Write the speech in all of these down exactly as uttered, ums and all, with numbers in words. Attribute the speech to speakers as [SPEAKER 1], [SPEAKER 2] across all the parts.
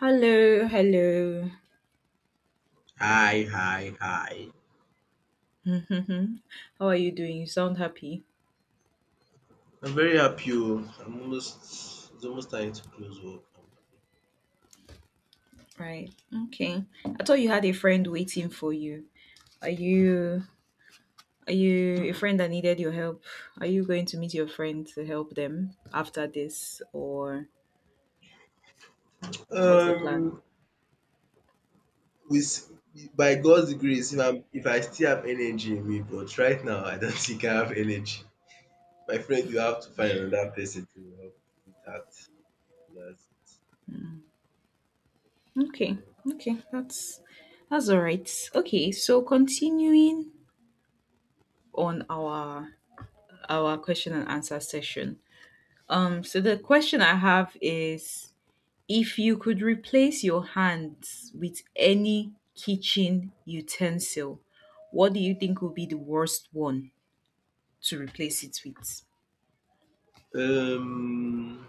[SPEAKER 1] Hello, hello.
[SPEAKER 2] Hi, hi, hi.
[SPEAKER 1] How are you doing? You sound happy.
[SPEAKER 2] I'm very happy. Oh. I'm almost It's almost time to close work. I'm
[SPEAKER 1] Right. Okay. I thought you had a friend waiting for you. Are you are you a friend that needed your help? Are you going to meet your friend to help them after this or
[SPEAKER 2] happy.
[SPEAKER 1] what's the plan?
[SPEAKER 2] Um with By God's grace, if I'm if I still have energy in me, but right now I don't think I have energy. My friend, you have to find another person to help with that. That's
[SPEAKER 1] Okay. Okay. That's that's all right. Okay. So continuing on our our question and answer session. Um so the question I have is, if you could replace your hands with any kitchen utensil, what do you think would be the worst one to replace it with?
[SPEAKER 2] it. Um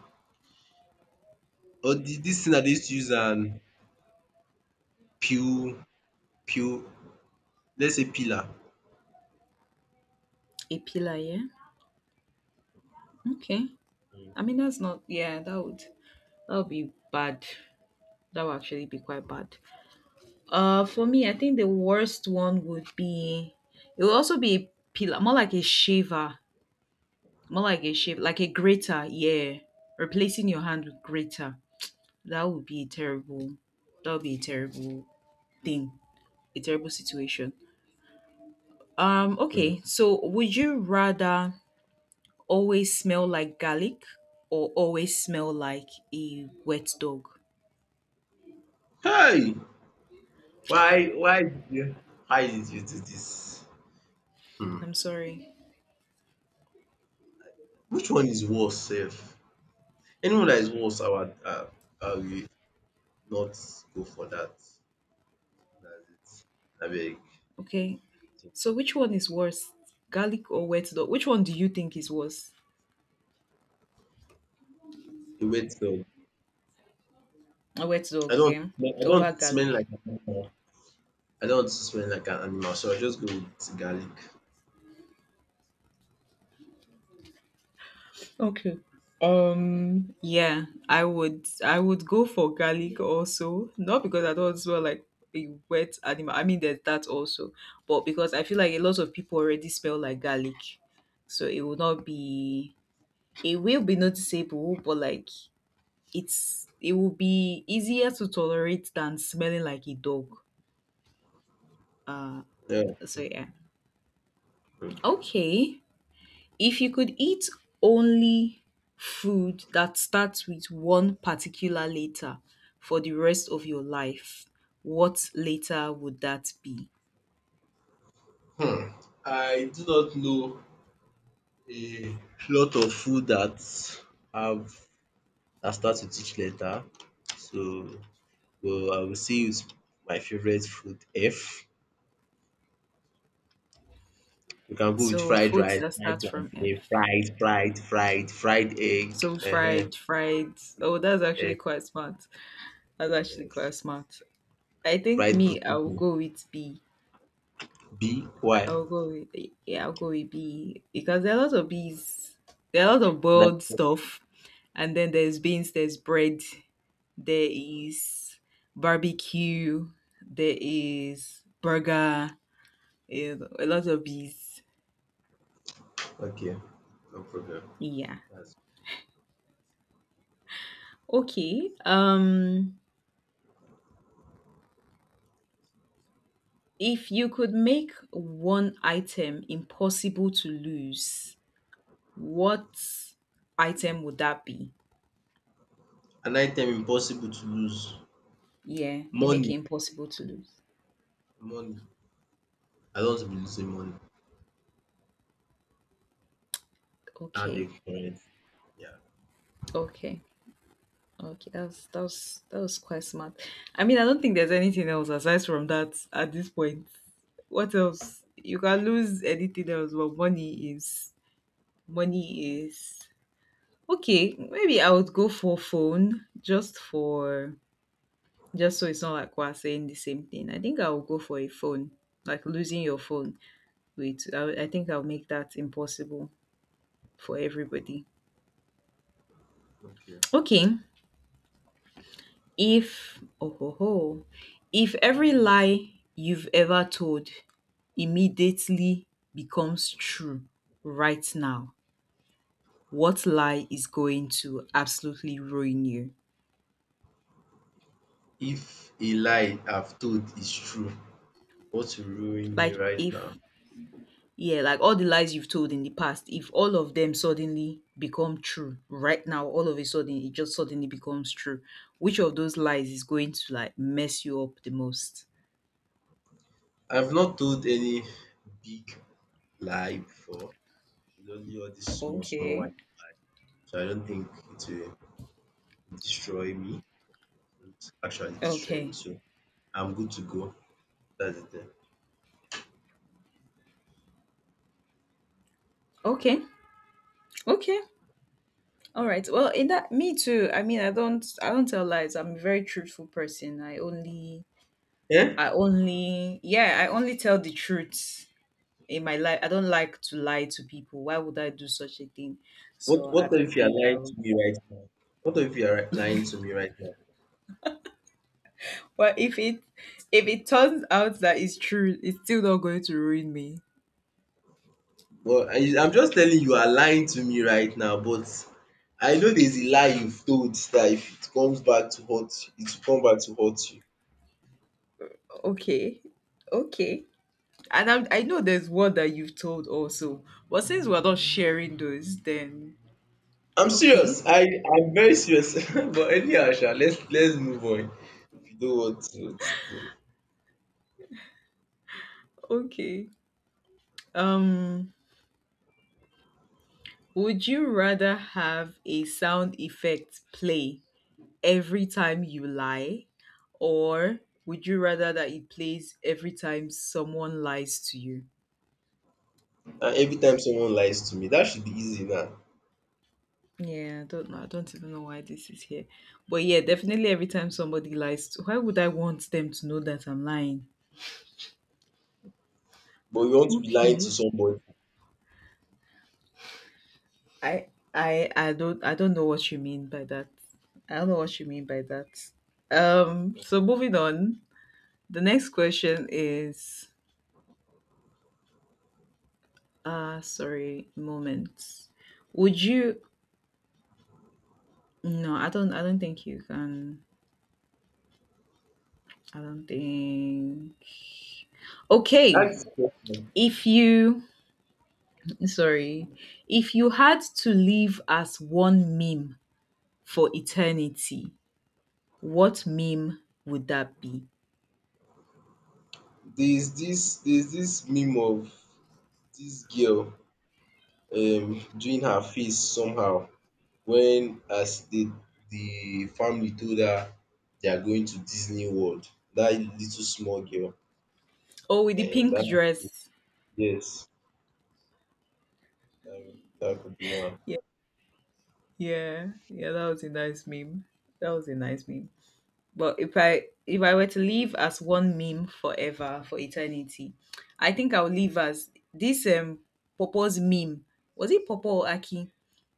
[SPEAKER 2] or the, This thing that they used to use an pew pew let's say pillar.
[SPEAKER 1] A pillar, yeah? Okay.
[SPEAKER 2] Mm.
[SPEAKER 1] I mean that's not, yeah, that would that would be bad. That would actually be quite bad. Uh for me, I think the worst one would be, it would also be a pillar, more like a shaver. More like a shave, like a grater, yeah. Replacing your hand with grater. That would be terrible that would be a terrible thing, a terrible situation. Um,
[SPEAKER 2] Mm.
[SPEAKER 1] okay, so would you rather always smell like garlic or always smell like a wet dog?
[SPEAKER 2] Hey! Why why did you why did you do this? um
[SPEAKER 1] I'm sorry.
[SPEAKER 2] which one is worse safe? Anyone that is worse I would um I will not go for that. Dats it. Abeg
[SPEAKER 1] Okay, so which one is worse, garlic or wet dog? Which one do you think is worse?
[SPEAKER 2] e wait oo,
[SPEAKER 1] A wet
[SPEAKER 2] I
[SPEAKER 1] dog,
[SPEAKER 2] do
[SPEAKER 1] yeah,
[SPEAKER 2] don I
[SPEAKER 1] over
[SPEAKER 2] don't smell
[SPEAKER 1] garlic.
[SPEAKER 2] like an animal, I don't smell like an animal, so I will just go with garlic.
[SPEAKER 1] Okay. Um yeah, I would I would go for garlic also. Not because I don't smell like a wet animal. I mean there's that also. But because I feel like a lot of people already smell like garlic. So it will not be it will be noticeable, but like it's it will be easier to tolerate than smelling like a dog. Uh
[SPEAKER 2] Yeah,
[SPEAKER 1] so yeah.
[SPEAKER 2] okay.
[SPEAKER 1] Okay. If you could eat only food that starts with one particular letter for the rest of your life, what letter would that be?
[SPEAKER 2] um I do not know a lot of food that have dat start with each letter, so but I will see use my favourite food F. You can go with
[SPEAKER 1] So
[SPEAKER 2] fried
[SPEAKER 1] foods
[SPEAKER 2] rice,
[SPEAKER 1] that
[SPEAKER 2] fried
[SPEAKER 1] start from F.
[SPEAKER 2] plantain, fried, fried, fried, fried
[SPEAKER 1] So
[SPEAKER 2] egg, ehen,
[SPEAKER 1] fried, fried. Oh, that's actually
[SPEAKER 2] egg,
[SPEAKER 1] quite smart. That's actually quite
[SPEAKER 2] eh,
[SPEAKER 1] smart. I think
[SPEAKER 2] fried
[SPEAKER 1] me, I will
[SPEAKER 2] potato.
[SPEAKER 1] go with B.
[SPEAKER 2] B, why?
[SPEAKER 1] I will go with Yeah, I'll go with B because there are a lot of bees. There are a lot of
[SPEAKER 2] Nine
[SPEAKER 1] boiled
[SPEAKER 2] ten.
[SPEAKER 1] stuff, and then there's beans, there's bread. There is barbecue, there is burger, you a lot of these.
[SPEAKER 2] Okay, no problem.
[SPEAKER 1] Yeah.
[SPEAKER 2] That's
[SPEAKER 1] Okay. Um if you could make one item impossible to lose, what item would that be?
[SPEAKER 2] a nine ten impossible to lose.
[SPEAKER 1] Yeah, you make it
[SPEAKER 2] Money,
[SPEAKER 1] impossible to lose.
[SPEAKER 2] money. I don't want to be losing money. Are they
[SPEAKER 1] Okay.
[SPEAKER 2] correct. Yeah,
[SPEAKER 1] Okay. Okay. That's that's that was that was quite smart. I mean, I don't think there's anything else aside from that at this point. What else? You can lose anything else, but money is money is okay. Maybe I would go for phone just for just so it's not like we're saying the same thing. I think I will go for a phone, like losing your phone. Wait, I, I think I'll make that impossible for everybody.
[SPEAKER 2] okay.
[SPEAKER 1] Okay, if oh ho ho, if every lie you've ever told immediately becomes true right now, what lie is going to absolutely ruin you?
[SPEAKER 2] If a lie I've told is true, what will ruin me
[SPEAKER 1] Like
[SPEAKER 2] right
[SPEAKER 1] if,
[SPEAKER 2] now?
[SPEAKER 1] yeah, like all the lies you've told in the past, if all of them suddenly become true right now, all of a sudden it just suddenly becomes true. Which of those lies is going to like mess you up the most?
[SPEAKER 2] I've not told any big lie before. It's only all these small, small.
[SPEAKER 1] Okay.
[SPEAKER 2] So I don't think it will destroy me. It won't actually destroy me.
[SPEAKER 1] Okay.
[SPEAKER 2] So I'm good to go. That's it, then.
[SPEAKER 1] Okay. Okay. All right. Well, in that, me too. I mean, I don't I don't tell lies. I'm a very truthful person. I only
[SPEAKER 2] Eh?
[SPEAKER 1] I only yeah, I only tell the truth in my life. I don't like to lie to people. Why would I do such a thing?
[SPEAKER 2] What
[SPEAKER 1] So I
[SPEAKER 2] What
[SPEAKER 1] don't
[SPEAKER 2] if you are
[SPEAKER 1] think I
[SPEAKER 2] lying
[SPEAKER 1] would.
[SPEAKER 2] to me right now? What if you are lying to me right now?
[SPEAKER 1] But if it, if it turns out that it's true, it's still not going to ruin me.
[SPEAKER 2] Well, I, I'm just telling you, you are lying to me right now. But I know there's a lie you've told that if it comes back to hurt you, it will come back to hurt you.
[SPEAKER 1] Okay. Okay. And I'm, i know there's one that you've told also, but since we're not sharing those, then
[SPEAKER 2] I'm serious.
[SPEAKER 1] okay.
[SPEAKER 2] I I'm very serious. But anyhow, Sha, let's let's move on. If you don't want to, to-
[SPEAKER 1] Okay. um would you rather have a sound effect play every time you lie, or would you rather that it plays every time someone lies to you?
[SPEAKER 2] And every time someone lies to me, that should be easy now.
[SPEAKER 1] Yeah, I don't know. I don't even know why this is here. But yeah, definitely every time somebody lies, to, why would I want them to know that I'm lying?
[SPEAKER 2] But you want to be lying to
[SPEAKER 1] Okay.
[SPEAKER 2] somebody.
[SPEAKER 1] I I I don't I don't know what you mean by that. I don't know what you mean by that. Um so moving on, the next question is, uh sorry, moment. Would you No, I don't I don't think you can. I don't think. Okay.
[SPEAKER 2] Ask the person.
[SPEAKER 1] If you sorry, if you had to live as one meme for eternity, what meme would that be?
[SPEAKER 2] There's this there's this meme of this girl um doing her face somehow when as the the family told her they are going to Disney World. That little small girl.
[SPEAKER 1] Oh, with the
[SPEAKER 2] Um,
[SPEAKER 1] pink
[SPEAKER 2] that
[SPEAKER 1] dress.
[SPEAKER 2] Yes, that, that could be one.
[SPEAKER 1] Yeah. Yeah. Yeah, that was a nice meme. That was a nice meme. But if I, if I were to live as one meme forever for eternity, I think I'll live as this um Popo's meme. Was it Popo or Aki?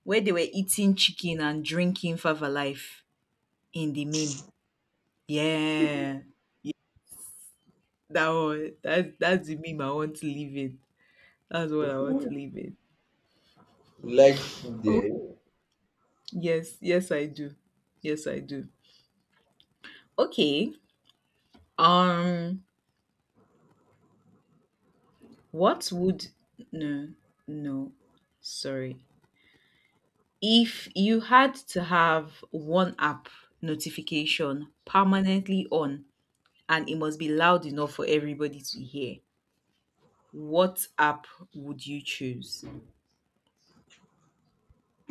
[SPEAKER 1] Where they were eating chicken and drinking Fava Life in the meme. Yeah. That one, that's that's the meme I want to live in. That's what I want to live in.
[SPEAKER 2] Like food,
[SPEAKER 1] Oh,
[SPEAKER 2] eh?
[SPEAKER 1] yes, yes I do. Yes I do. Okay. Um what would no no sorry. If you had to have one app notification permanently on and it must be loud enough for everybody to hear, what app would you choose?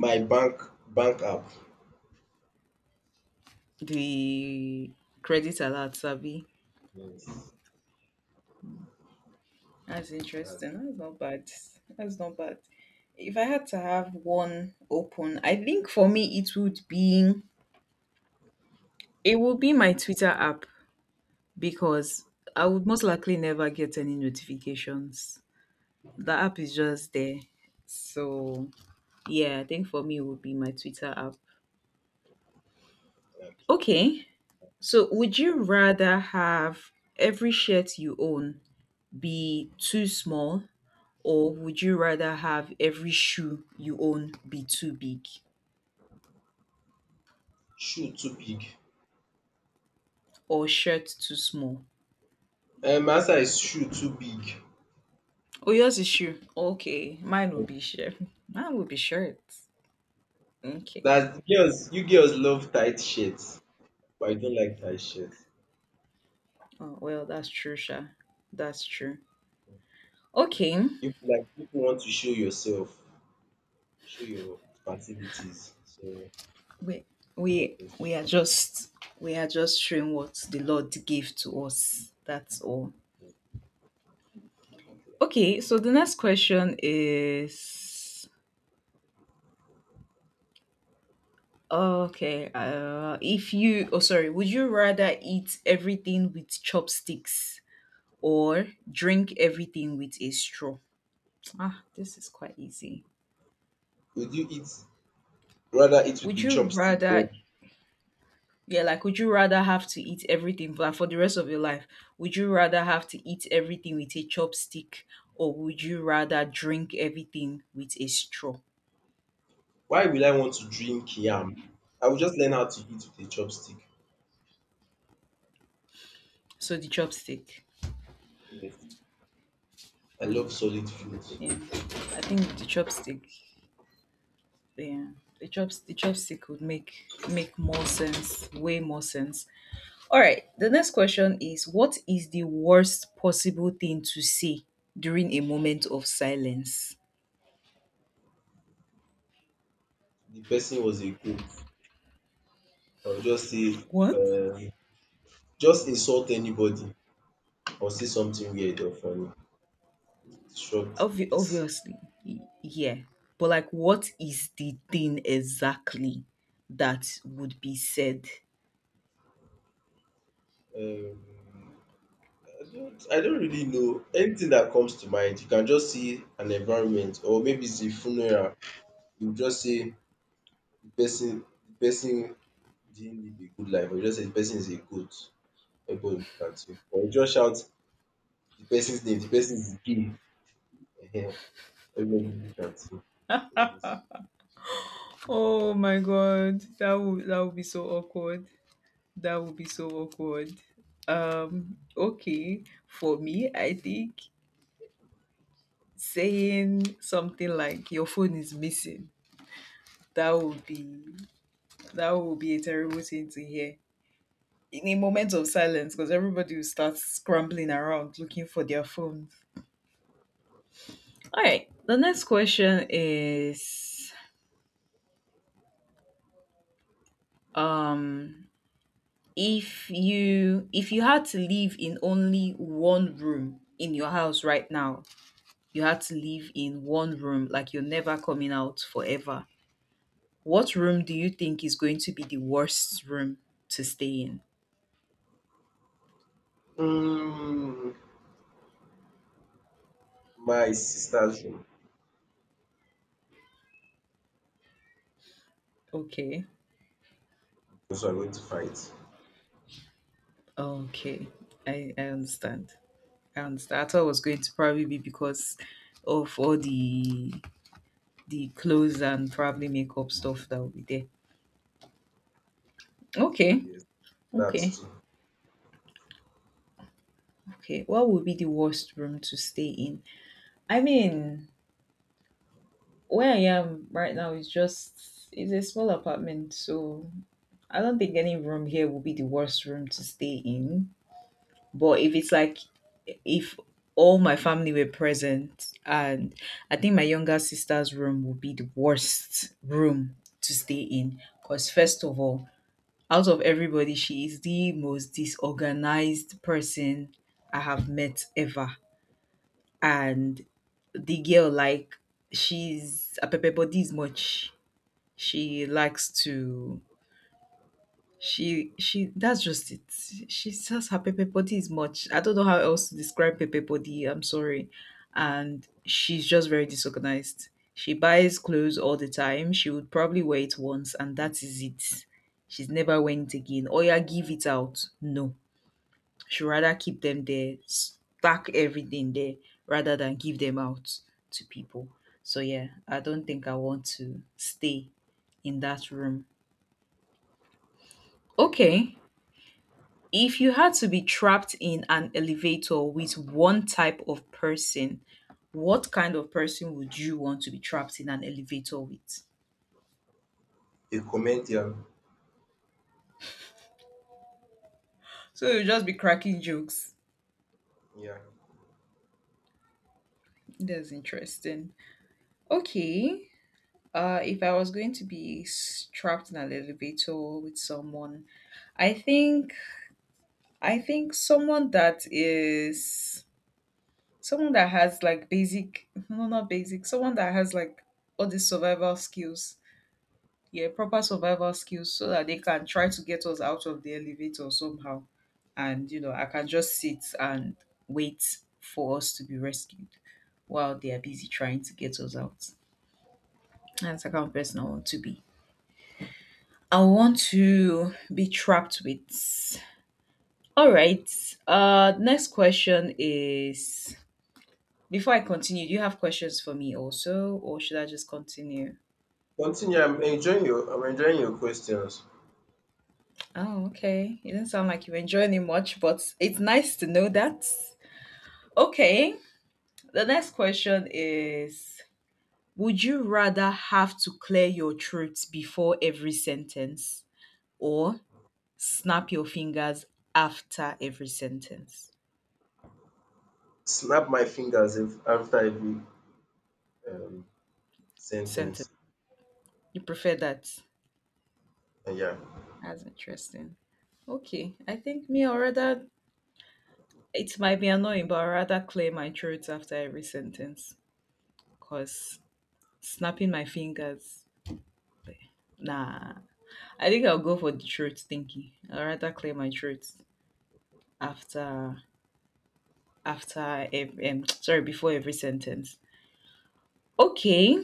[SPEAKER 2] My bank bank app.
[SPEAKER 1] The credit alert, Sabi.
[SPEAKER 2] Yes,
[SPEAKER 1] That's
[SPEAKER 2] that's
[SPEAKER 1] interesting. That's not bad. That's not bad. If I had to have one open, I think for me it would be, it would be my Twitter app, because I would most likely never get any notifications. The app is just there. So, yeah, I think for me, it would be my Twitter app.
[SPEAKER 2] okay.
[SPEAKER 1] Okay. So, would you rather have every shirt you own be too small, or would you rather have every shoe you own be too big,
[SPEAKER 2] Shoe too big.
[SPEAKER 1] or shirt too small?
[SPEAKER 2] Um, my answer is shoe too big.
[SPEAKER 1] Oh, yours is shoe. Okay. Mine will be shirt. Mine will be shirt. Okay.
[SPEAKER 2] That girls, you girls love tight shirts, but you don't like tight shirts.
[SPEAKER 1] Oh, well, that's true, Sha. That's true. Okay.
[SPEAKER 2] You like people want to show yourself, show your facilities. So
[SPEAKER 1] we we
[SPEAKER 2] I just
[SPEAKER 1] we are just we are just showing what the Lord gave to us, that's all. Okay, so the next question is. Okay, uh if you, oh sorry, would you rather eat everything with chopsticks or drink everything with a straw? Ah this is quite easy.
[SPEAKER 2] would you eat rather eat with
[SPEAKER 1] Would
[SPEAKER 2] a
[SPEAKER 1] you
[SPEAKER 2] chopstick, or
[SPEAKER 1] rather Yeah, like would you rather have to eat everything like for the rest of your life? Would you rather have to eat everything with a chopstick or would you rather drink everything with a straw?
[SPEAKER 2] why will I want to drink yam? I will just learn how to eat with a chopstick.
[SPEAKER 1] So the chopstick.
[SPEAKER 2] Yes. I
[SPEAKER 1] Mm,
[SPEAKER 2] love
[SPEAKER 1] okay.
[SPEAKER 2] solid food.
[SPEAKER 1] Yeah. I think the chopstick. Yeah. The chops the chopstick would make make more sense, way more sense. All right. The next question is, what is the worst possible thing to say during a moment of silence?
[SPEAKER 2] The person was a cook. I will just say
[SPEAKER 1] What?
[SPEAKER 2] um just insult anybody or say something weird or funny to disrupt the
[SPEAKER 1] Obvi-
[SPEAKER 2] peace.
[SPEAKER 1] obviously, y- yeah. But like, what is the thing exactly that would be said?
[SPEAKER 2] Um I don't I don't really know. Anything that comes to mind, you can just see an environment, or maybe it's a funeral. You just say the person the person didn't live a good life, or you just say the person is a goat. Everybody will look at you. Or you just shout the person's name, the person is gay. Ehen, everybody will look at you. So that's
[SPEAKER 1] Oh my god, that would that would be so awkward. That would be so awkward. Um, okay, for me, I think saying something like your phone is missing, that would be that would be a terrible thing to hear. In a moment of silence, because everybody will start scrambling around looking for their phones. All right. The next question is, um if you, if you had to live in only one room in your house right now, you had to live in one room like you're never coming out forever. What room do you think is going to be the worst room to stay in?
[SPEAKER 2] mm, my sister's room.
[SPEAKER 1] Okay.
[SPEAKER 2] Also I'm going to fight.
[SPEAKER 1] Okay. I, I understand. I understand. I thought it was going to probably be because of all the the clothes and probably makeup stuff that will be there. Okay.
[SPEAKER 2] Yes,
[SPEAKER 1] Okay,
[SPEAKER 2] that's too.
[SPEAKER 1] okay. What would be the worst room to stay in? I mean, where I am right now is just, it's a small apartment, so I don't think any room here will be the worst room to stay in. But if it's like, if all my family were present, and I think my younger sister's room would be the worst room to stay in, because first of all, out of everybody, she is the most disorganized person I have met ever. And the girl, like, she's a pepper body is much. She likes to, she she that's just it. She says her pepper body is much. I don't know how else to describe pepper body, I'm sorry. And she's just very disorganized. She buys clothes all the time. She would probably wear it once and that is it. She's never wearing it again or, yeah, give it out. No, she'd rather keep them there, stack everything there, rather than give them out to people. So yeah, I don't think I want to stay in that room.
[SPEAKER 2] Okay.
[SPEAKER 1] Okay. If you had to be trapped in an elevator with one type of person, what kind of person would you want to be trapped in an elevator with?
[SPEAKER 2] A comedian.
[SPEAKER 1] So you'll just be cracking jokes.
[SPEAKER 2] Yeah.
[SPEAKER 1] That's interesting. Okay. Uh, if I was going to be s- trapped in an elevator with someone, I think I think someone that is someone that has like basic no not basic someone that has like all the survival skills, yeah, proper survival skills so that they can try to get us out of the elevator somehow. And you know I can just sit and wait for us to be rescued while they are busy trying to get us out. That's the kind of person I want to be. I want to be trapped with. All right. Uh, next question is, before I continue, do you have questions for me also, or should I just continue?
[SPEAKER 2] Continue. I'm enjoying your I'm enjoying your questions.
[SPEAKER 1] Oh, okay. It did not sound like you enjoying it much, but it's nice to know that. Okay. The next question is, would you rather have to clear your throat before every sentence or snap your fingers after every sentence?
[SPEAKER 2] Snap my fingers ev- after every um sen ten.
[SPEAKER 1] Sentence. You prefer that?
[SPEAKER 2] Yeah.
[SPEAKER 1] That's interesting. Okay, I think me, or rather, it might be annoying, but I rather clear my throat after every sentence. Cause snapping my fingers, nah. I think I'll go for the throat thinking. I rather clear my throat after after ev- um, sorry, before every sentence. Okay.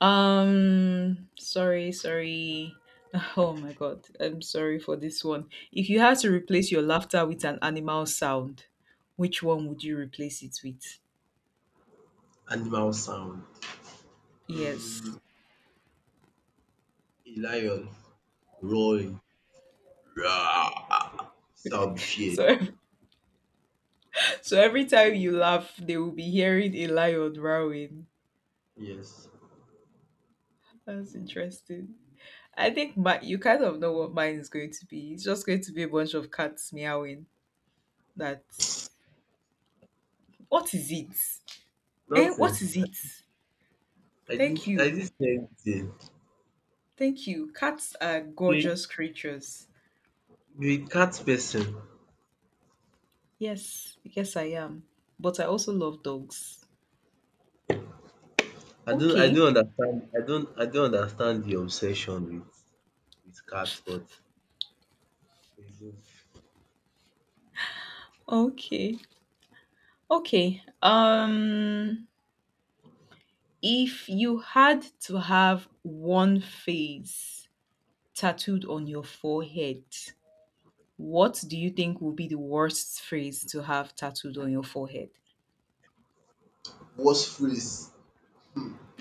[SPEAKER 1] Um, sorry, sorry. Oh my god, I'm sorry for this one. If you had to replace your laughter with an animal sound, which one would you replace it with?
[SPEAKER 2] Animal sound.
[SPEAKER 1] Yes.
[SPEAKER 2] Um, a lion roaring. Rawr! So I'll be feared.
[SPEAKER 1] So, so every time you laugh, they will be hearing a lion roaring.
[SPEAKER 2] Yes.
[SPEAKER 1] That's interesting. I think my You kind of know what mine is going to be. It's just going to be a bunch of cats meowing. That's what is it? Eh,
[SPEAKER 2] Nothing.
[SPEAKER 1] what is it?
[SPEAKER 2] I did
[SPEAKER 1] Thank
[SPEAKER 2] I
[SPEAKER 1] you.
[SPEAKER 2] didn't see anything.
[SPEAKER 1] Thank you. Cats are
[SPEAKER 2] You
[SPEAKER 1] gorgeous creatures.
[SPEAKER 2] you a cat person.
[SPEAKER 1] Yes, yes, I am. But I also love dogs.
[SPEAKER 2] I don't I
[SPEAKER 1] Okay,
[SPEAKER 2] don't understand I don't I don't understand the obsession with with cats, but
[SPEAKER 1] okay, okay. Um, if you had to have one phrase tattooed on your forehead, what do you think would be the worst phrase to have tattooed on your forehead?
[SPEAKER 2] what's freeze?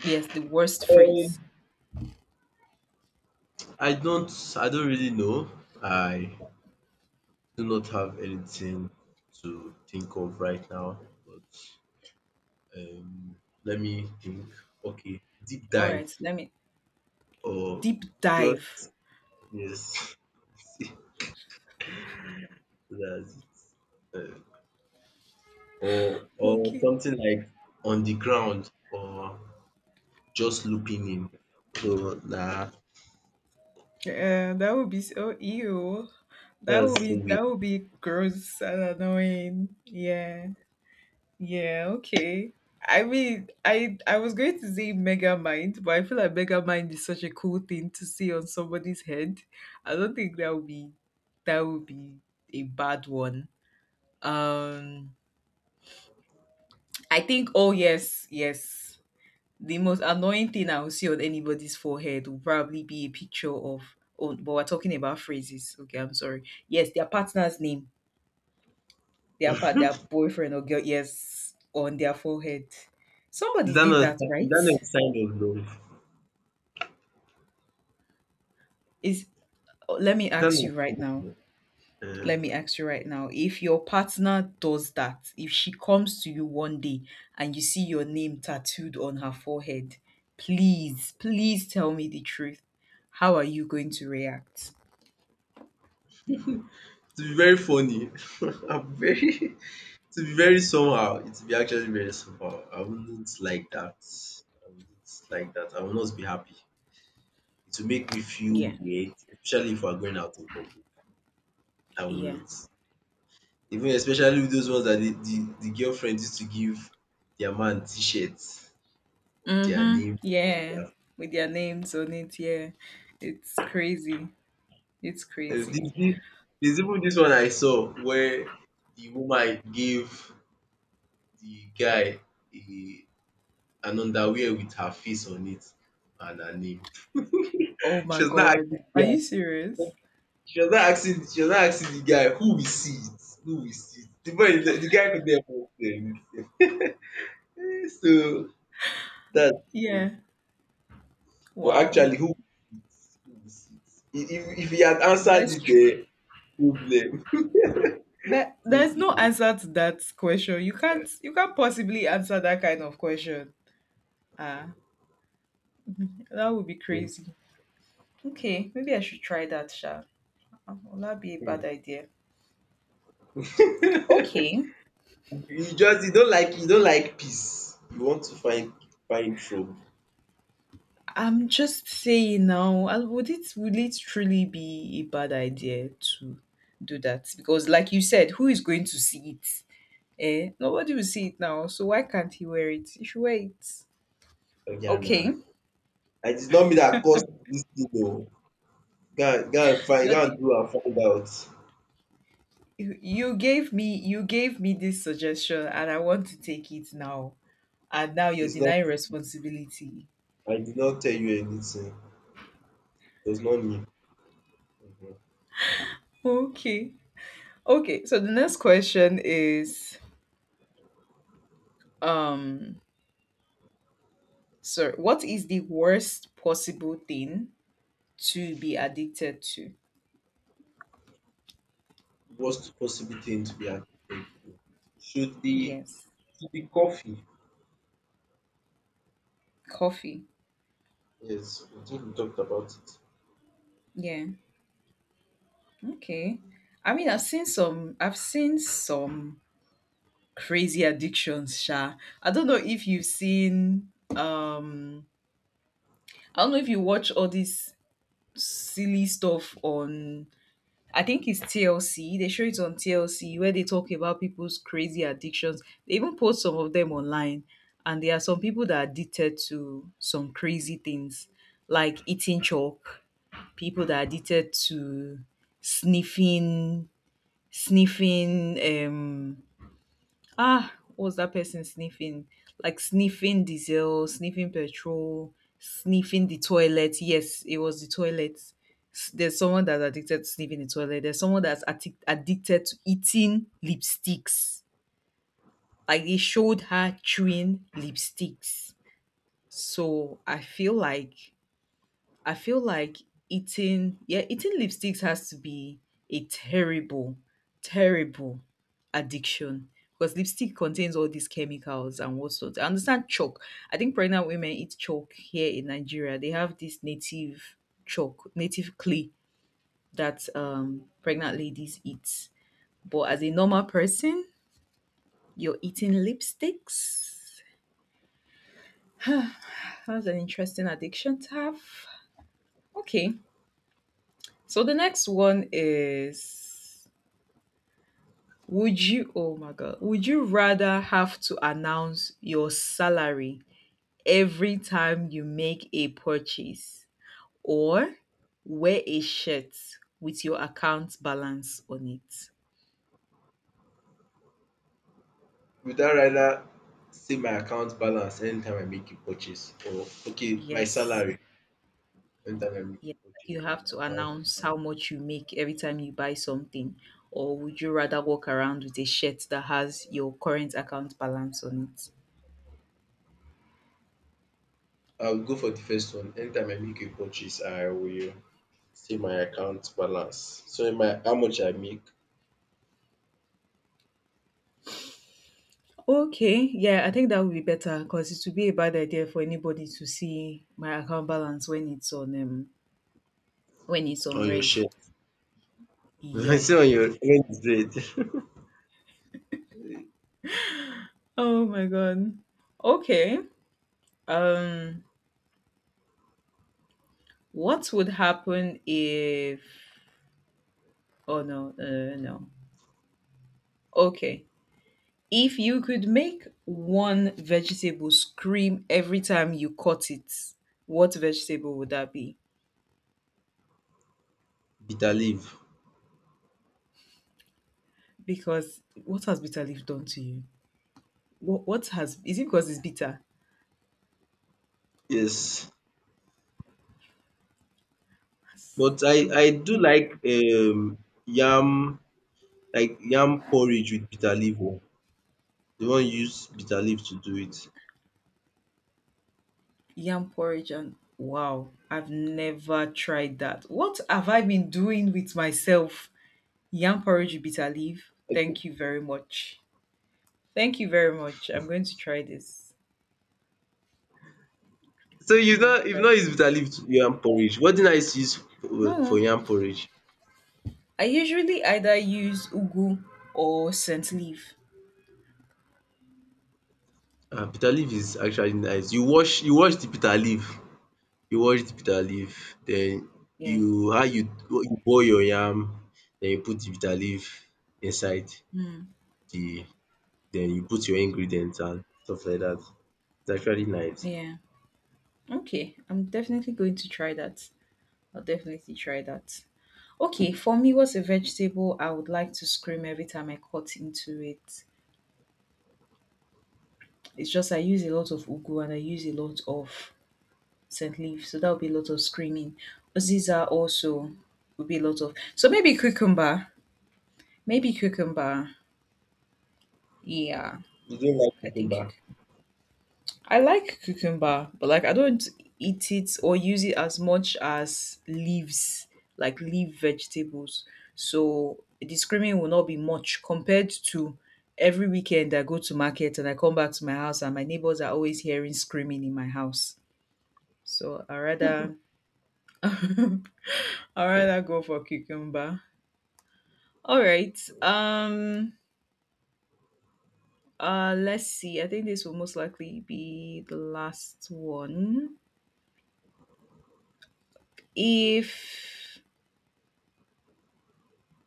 [SPEAKER 1] Yes, the worst phrase.
[SPEAKER 2] Um I don't I don't really know. I do not have anything to think of right now, but um, let me think. Okay, deep
[SPEAKER 1] All right,
[SPEAKER 2] dive
[SPEAKER 1] let me
[SPEAKER 2] or
[SPEAKER 1] deep dive.
[SPEAKER 2] just, yes, that's it. Uh, or or
[SPEAKER 1] Okay.
[SPEAKER 2] something like on the ground or just looking in. So nah,
[SPEAKER 1] Yeah, that would be so ew. That would
[SPEAKER 2] that's so
[SPEAKER 1] be
[SPEAKER 2] weird.
[SPEAKER 1] that would be gross and annoying. Yeah. Yeah, okay. I mean, I I was going to say Mega Mind, but I feel like Mega Mind is such a cool thing to see on somebody's head. I don't think that would be that would be a bad one. Um I think, oh yes, yes, the most annoying thing I will see on anybody's forehead will probably be a picture of, oh but we're talking about phrases. Okay, I'm sorry. Yes, their partner's name, their part their boyfriend or girl, yes, on their forehead.
[SPEAKER 2] Is
[SPEAKER 1] Somebody
[SPEAKER 2] that
[SPEAKER 1] did
[SPEAKER 2] not
[SPEAKER 1] that,
[SPEAKER 2] is
[SPEAKER 1] right?
[SPEAKER 2] that not a sign of love?
[SPEAKER 1] Is Oh, let me
[SPEAKER 2] Is that
[SPEAKER 1] ask
[SPEAKER 2] not
[SPEAKER 1] you
[SPEAKER 2] a
[SPEAKER 1] right
[SPEAKER 2] sign of
[SPEAKER 1] now.
[SPEAKER 2] love?
[SPEAKER 1] Let me
[SPEAKER 2] Uh,
[SPEAKER 1] ask you right now. If your partner does that, if she comes to you one day and you see your name tattooed on her forehead, please, please tell me the truth. How are you going to react?
[SPEAKER 2] it's very funny. I'm very To be very somehow, it will be actually very somehow. I wouldn't like that. I wouldn't like that. I will not be happy. It will make me feel
[SPEAKER 1] Yeah.
[SPEAKER 2] weird, especially if we're going out in public. I will
[SPEAKER 1] Yeah.
[SPEAKER 2] not. Even especially with those ones that the, the, the girlfriend used to give their man t-shirts of their
[SPEAKER 1] Mm-hmm.
[SPEAKER 2] name. Of
[SPEAKER 1] Yeah.
[SPEAKER 2] their,
[SPEAKER 1] With their names on it. Yeah. It's crazy. It's
[SPEAKER 2] there's
[SPEAKER 1] crazy.
[SPEAKER 2] this- there's even this one I saw where the woman gave the guy a, an underwear with her face on it and her name.
[SPEAKER 1] Oh my
[SPEAKER 2] She was not
[SPEAKER 1] God.
[SPEAKER 2] actually
[SPEAKER 1] Are you
[SPEAKER 2] there.
[SPEAKER 1] serious?
[SPEAKER 2] She was now asking she was now asking the guy who will see it, who will see it. The boy the guy couldn't even explain. So that's
[SPEAKER 1] Yeah.
[SPEAKER 2] true. But
[SPEAKER 1] Wow.
[SPEAKER 2] actually who will see it, who will see it. If if if he had answered
[SPEAKER 1] That's true.
[SPEAKER 2] it, um problem
[SPEAKER 1] That there's no
[SPEAKER 2] problem
[SPEAKER 1] answer to that question. You can't you can't possibly answer that kind of question. Ah, that would be crazy. Okay, maybe I should try that, Sha. Um, Will that be a bad
[SPEAKER 2] um.
[SPEAKER 1] idea? Okay.
[SPEAKER 2] You just you don't like You don't like peace. You want to find find trouble.
[SPEAKER 1] I'm just saying now, uh, would it, would it truly be a bad idea to do that? Because like you said, who is going to see it? Eh? Nobody will see it now. So why can't he wear it? You should wear it.
[SPEAKER 2] Oya na.
[SPEAKER 1] Okay.
[SPEAKER 2] And it's not me that caused this thing oo. Go and go and find
[SPEAKER 1] You're
[SPEAKER 2] go and
[SPEAKER 1] the,
[SPEAKER 2] do and find out.
[SPEAKER 1] you you gave me, you gave me this suggestion and I want to take it now. And now you're
[SPEAKER 2] It's not
[SPEAKER 1] denying responsibility.
[SPEAKER 2] I did not tell you anything. It was not me. Mhm.
[SPEAKER 1] Okay. Okay. So the next question is, um sir, what is the worst possible thing to be addicted to?
[SPEAKER 2] Worst possible thing to be architect do. Should the
[SPEAKER 1] Yes.
[SPEAKER 2] should the coffee,
[SPEAKER 1] Coffee.
[SPEAKER 2] yes, I think we talked about it.
[SPEAKER 1] Yeah. Okay. I mean, I've seen some I've seen some crazy addictions, Sha. I don't know if you've seen, um I don't know if you watch all this silly stuff on, I think it's T L C. They show it on T L C where they talk about people's crazy addictions. They even post some of them online. And there are some people that are addicted to some crazy things like eating chalk, people that are addicted to sniffing, sniffing um, ah, what's that person sniffing? Like sniffing diesel, sniffing petrol, sniffing the toilet. Yes, it was the toilet. S- There's someone that's addicted to sniffing the toilet. There's someone that's addic- addicted to eating lipsticks. Like they showed her chewing lipsticks. So I feel like I feel like eating, yeah, eating lipsticks has to be a terrible, terrible addiction because lipstick contains all these chemicals and whatnot. I understand chalk. I think pregnant women eat chalk here in Nigeria. They have this native chalk, native clay that um, pregnant ladies eat. But as a normal person, you're eating lipsticks. That's an interesting addiction to have. Okay. So the next one is, would you, oh my God, would you rather have to announce your salary every time you make a purchase, or wear a shirt with your account balance on it?
[SPEAKER 2] Would I rather see my account balance anytime I make a purchase, or okay, my
[SPEAKER 1] Yes.
[SPEAKER 2] salary anytime I make
[SPEAKER 1] Yeah.
[SPEAKER 2] a
[SPEAKER 1] Like,
[SPEAKER 2] purchase
[SPEAKER 1] you
[SPEAKER 2] or
[SPEAKER 1] have
[SPEAKER 2] my
[SPEAKER 1] to
[SPEAKER 2] account.
[SPEAKER 1] announce how much you make every time you buy something. Or would you rather walk around with a shirt that has your current account balance on it?
[SPEAKER 2] I'll go for the first one. Anytime I make a purchase, I will see my account balance. So in my how much I make
[SPEAKER 1] Okay, yeah, I think that would be better because it would be a bad idea for anybody to see my account balance when it's on um when it's on
[SPEAKER 2] on your
[SPEAKER 1] red.
[SPEAKER 2] share.
[SPEAKER 1] Yeah.
[SPEAKER 2] See on your exchange rate.
[SPEAKER 1] Oh my god. Okay. Um what would happen if, oh no, uh, no. Okay. If you could make one vegetable scream every time you cut it, what vegetable would that be?
[SPEAKER 2] Bitter leaf.
[SPEAKER 1] Because what has bitter leaf done to you? What what has, is it because it's bitter?
[SPEAKER 2] Yes. But I I do
[SPEAKER 1] Okay.
[SPEAKER 2] like um yam, like yam porridge with bitter leaf o. Dey wan use bitter leaf to do it.
[SPEAKER 1] Yam porridge and wow, I've never tried that. What have I been doing with myself? Yam porridge with bitter leaf. Thank you very much. Thank you very much. I'm going to try this.
[SPEAKER 2] So
[SPEAKER 1] I'm
[SPEAKER 2] you no
[SPEAKER 1] going to
[SPEAKER 2] you
[SPEAKER 1] try
[SPEAKER 2] no use
[SPEAKER 1] this.
[SPEAKER 2] bitter leaf to yam porridge? What did I use for for
[SPEAKER 1] No,
[SPEAKER 2] yam porridge?
[SPEAKER 1] I usually either use ugu or scent leaf.
[SPEAKER 2] um Bitter leaf is actually nice. You wash you wash the bitter leaf, you wash the bitter leaf then
[SPEAKER 1] Yeah,
[SPEAKER 2] you how you you boil your yam, then you put the bitter leaf inside the then you put your ingredients and stuff like that. It's actually nice.
[SPEAKER 1] yeah. Okay, I'm definitely going to try that. I'll definitely try that. Okay, for me, what's a vegetable I would like to scream every time I cut into it? It's just I use a lot of ugu and I use a lot of scent leaf. So that would be a lot of screaming. Aziza also would be a lot of, so maybe cucumber. Maybe cucumber. Yeah.
[SPEAKER 2] You don't like
[SPEAKER 1] I think you
[SPEAKER 2] cucumber?
[SPEAKER 1] I like cucumber, but like I don't eat it or use it as much as leaves, like leaf vegetables. So the screaming will not be much compared to, every weekend I go to market and I come back to my house and my neighbors are always hearing screaming in my house. So I rather, I rather go for cucumber. All right. Um uh let's see. I think this will most likely be the last one. If,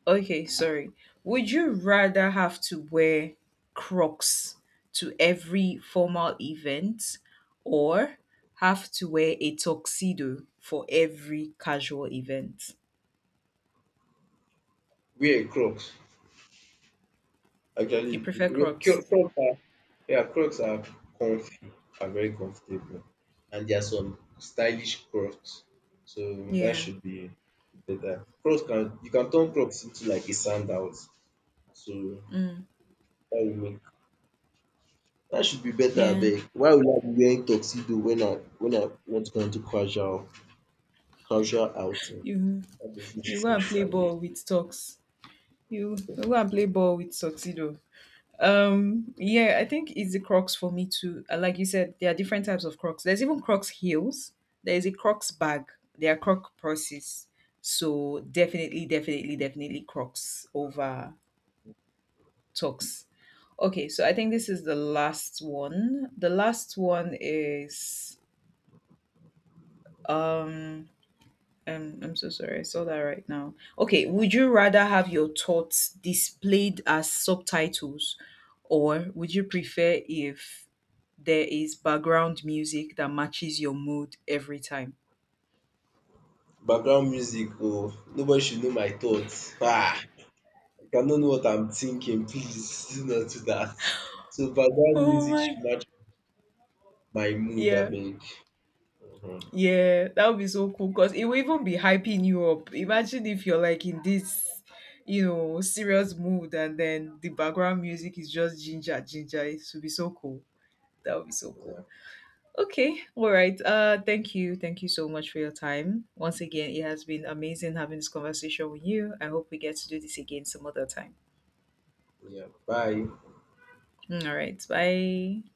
[SPEAKER 1] okay, sorry. Would you rather have to wear Crocs to every formal event, or have to wear a tuxedo for every casual event?
[SPEAKER 2] Wear Crocs.
[SPEAKER 1] You
[SPEAKER 2] Actually,
[SPEAKER 1] prefer
[SPEAKER 2] we- Cro-
[SPEAKER 1] Crocs?
[SPEAKER 2] Crocs are yeah, Crocs are comfy, are very comfortable, and there are some stylish Crocs. So that
[SPEAKER 1] Yeah.
[SPEAKER 2] should be better. Crocs can You can turn Crocs into like a sandals. So that will make that should be better
[SPEAKER 1] Yeah.
[SPEAKER 2] abeg. Why would I be wearing tuxedo when I when I want to go into casual casual outing?
[SPEAKER 1] You,
[SPEAKER 2] That doesn't make
[SPEAKER 1] You go and
[SPEAKER 2] sense
[SPEAKER 1] play
[SPEAKER 2] abeg.
[SPEAKER 1] ball with socks. You, you go and play ball with tuxedo. Um, yeah, I think it's the Crocs for me too. Uh, Like you said, there are different types of Crocs. There's even Crocs heels. There is a Crocs bag. There are Croc purses. So definitely, definitely, definitely Crocs over Tux. Okay, so I think this is the last one. The last one is, um Um, I'm so sorry. I saw that right now. Okay, would you rather have your thoughts displayed as subtitles, or would you prefer if there is background music that matches your mood every time?
[SPEAKER 2] Background music. Oh, nobody should know my thoughts. Ah! Like, I know what I'm thinking. Please do not do that. So background
[SPEAKER 1] Oh
[SPEAKER 2] music
[SPEAKER 1] my.
[SPEAKER 2] should match my mood, I
[SPEAKER 1] Yeah,
[SPEAKER 2] beg. Mhm.
[SPEAKER 1] yeah, that would be so cool because it will even be hyping you up. Imagine if you're like in this, you know, serious mood and then the background music is just ginger, ginger. It would be so cool. That would be so
[SPEAKER 2] Yeah.
[SPEAKER 1] cool. Okay, all right. Uh, thank you, thank you so much for your time. Once again, it has been amazing having this conversation with you. I hope we get to do this again some other time.
[SPEAKER 2] Yeah. Bye.
[SPEAKER 1] Mm, all right, bye.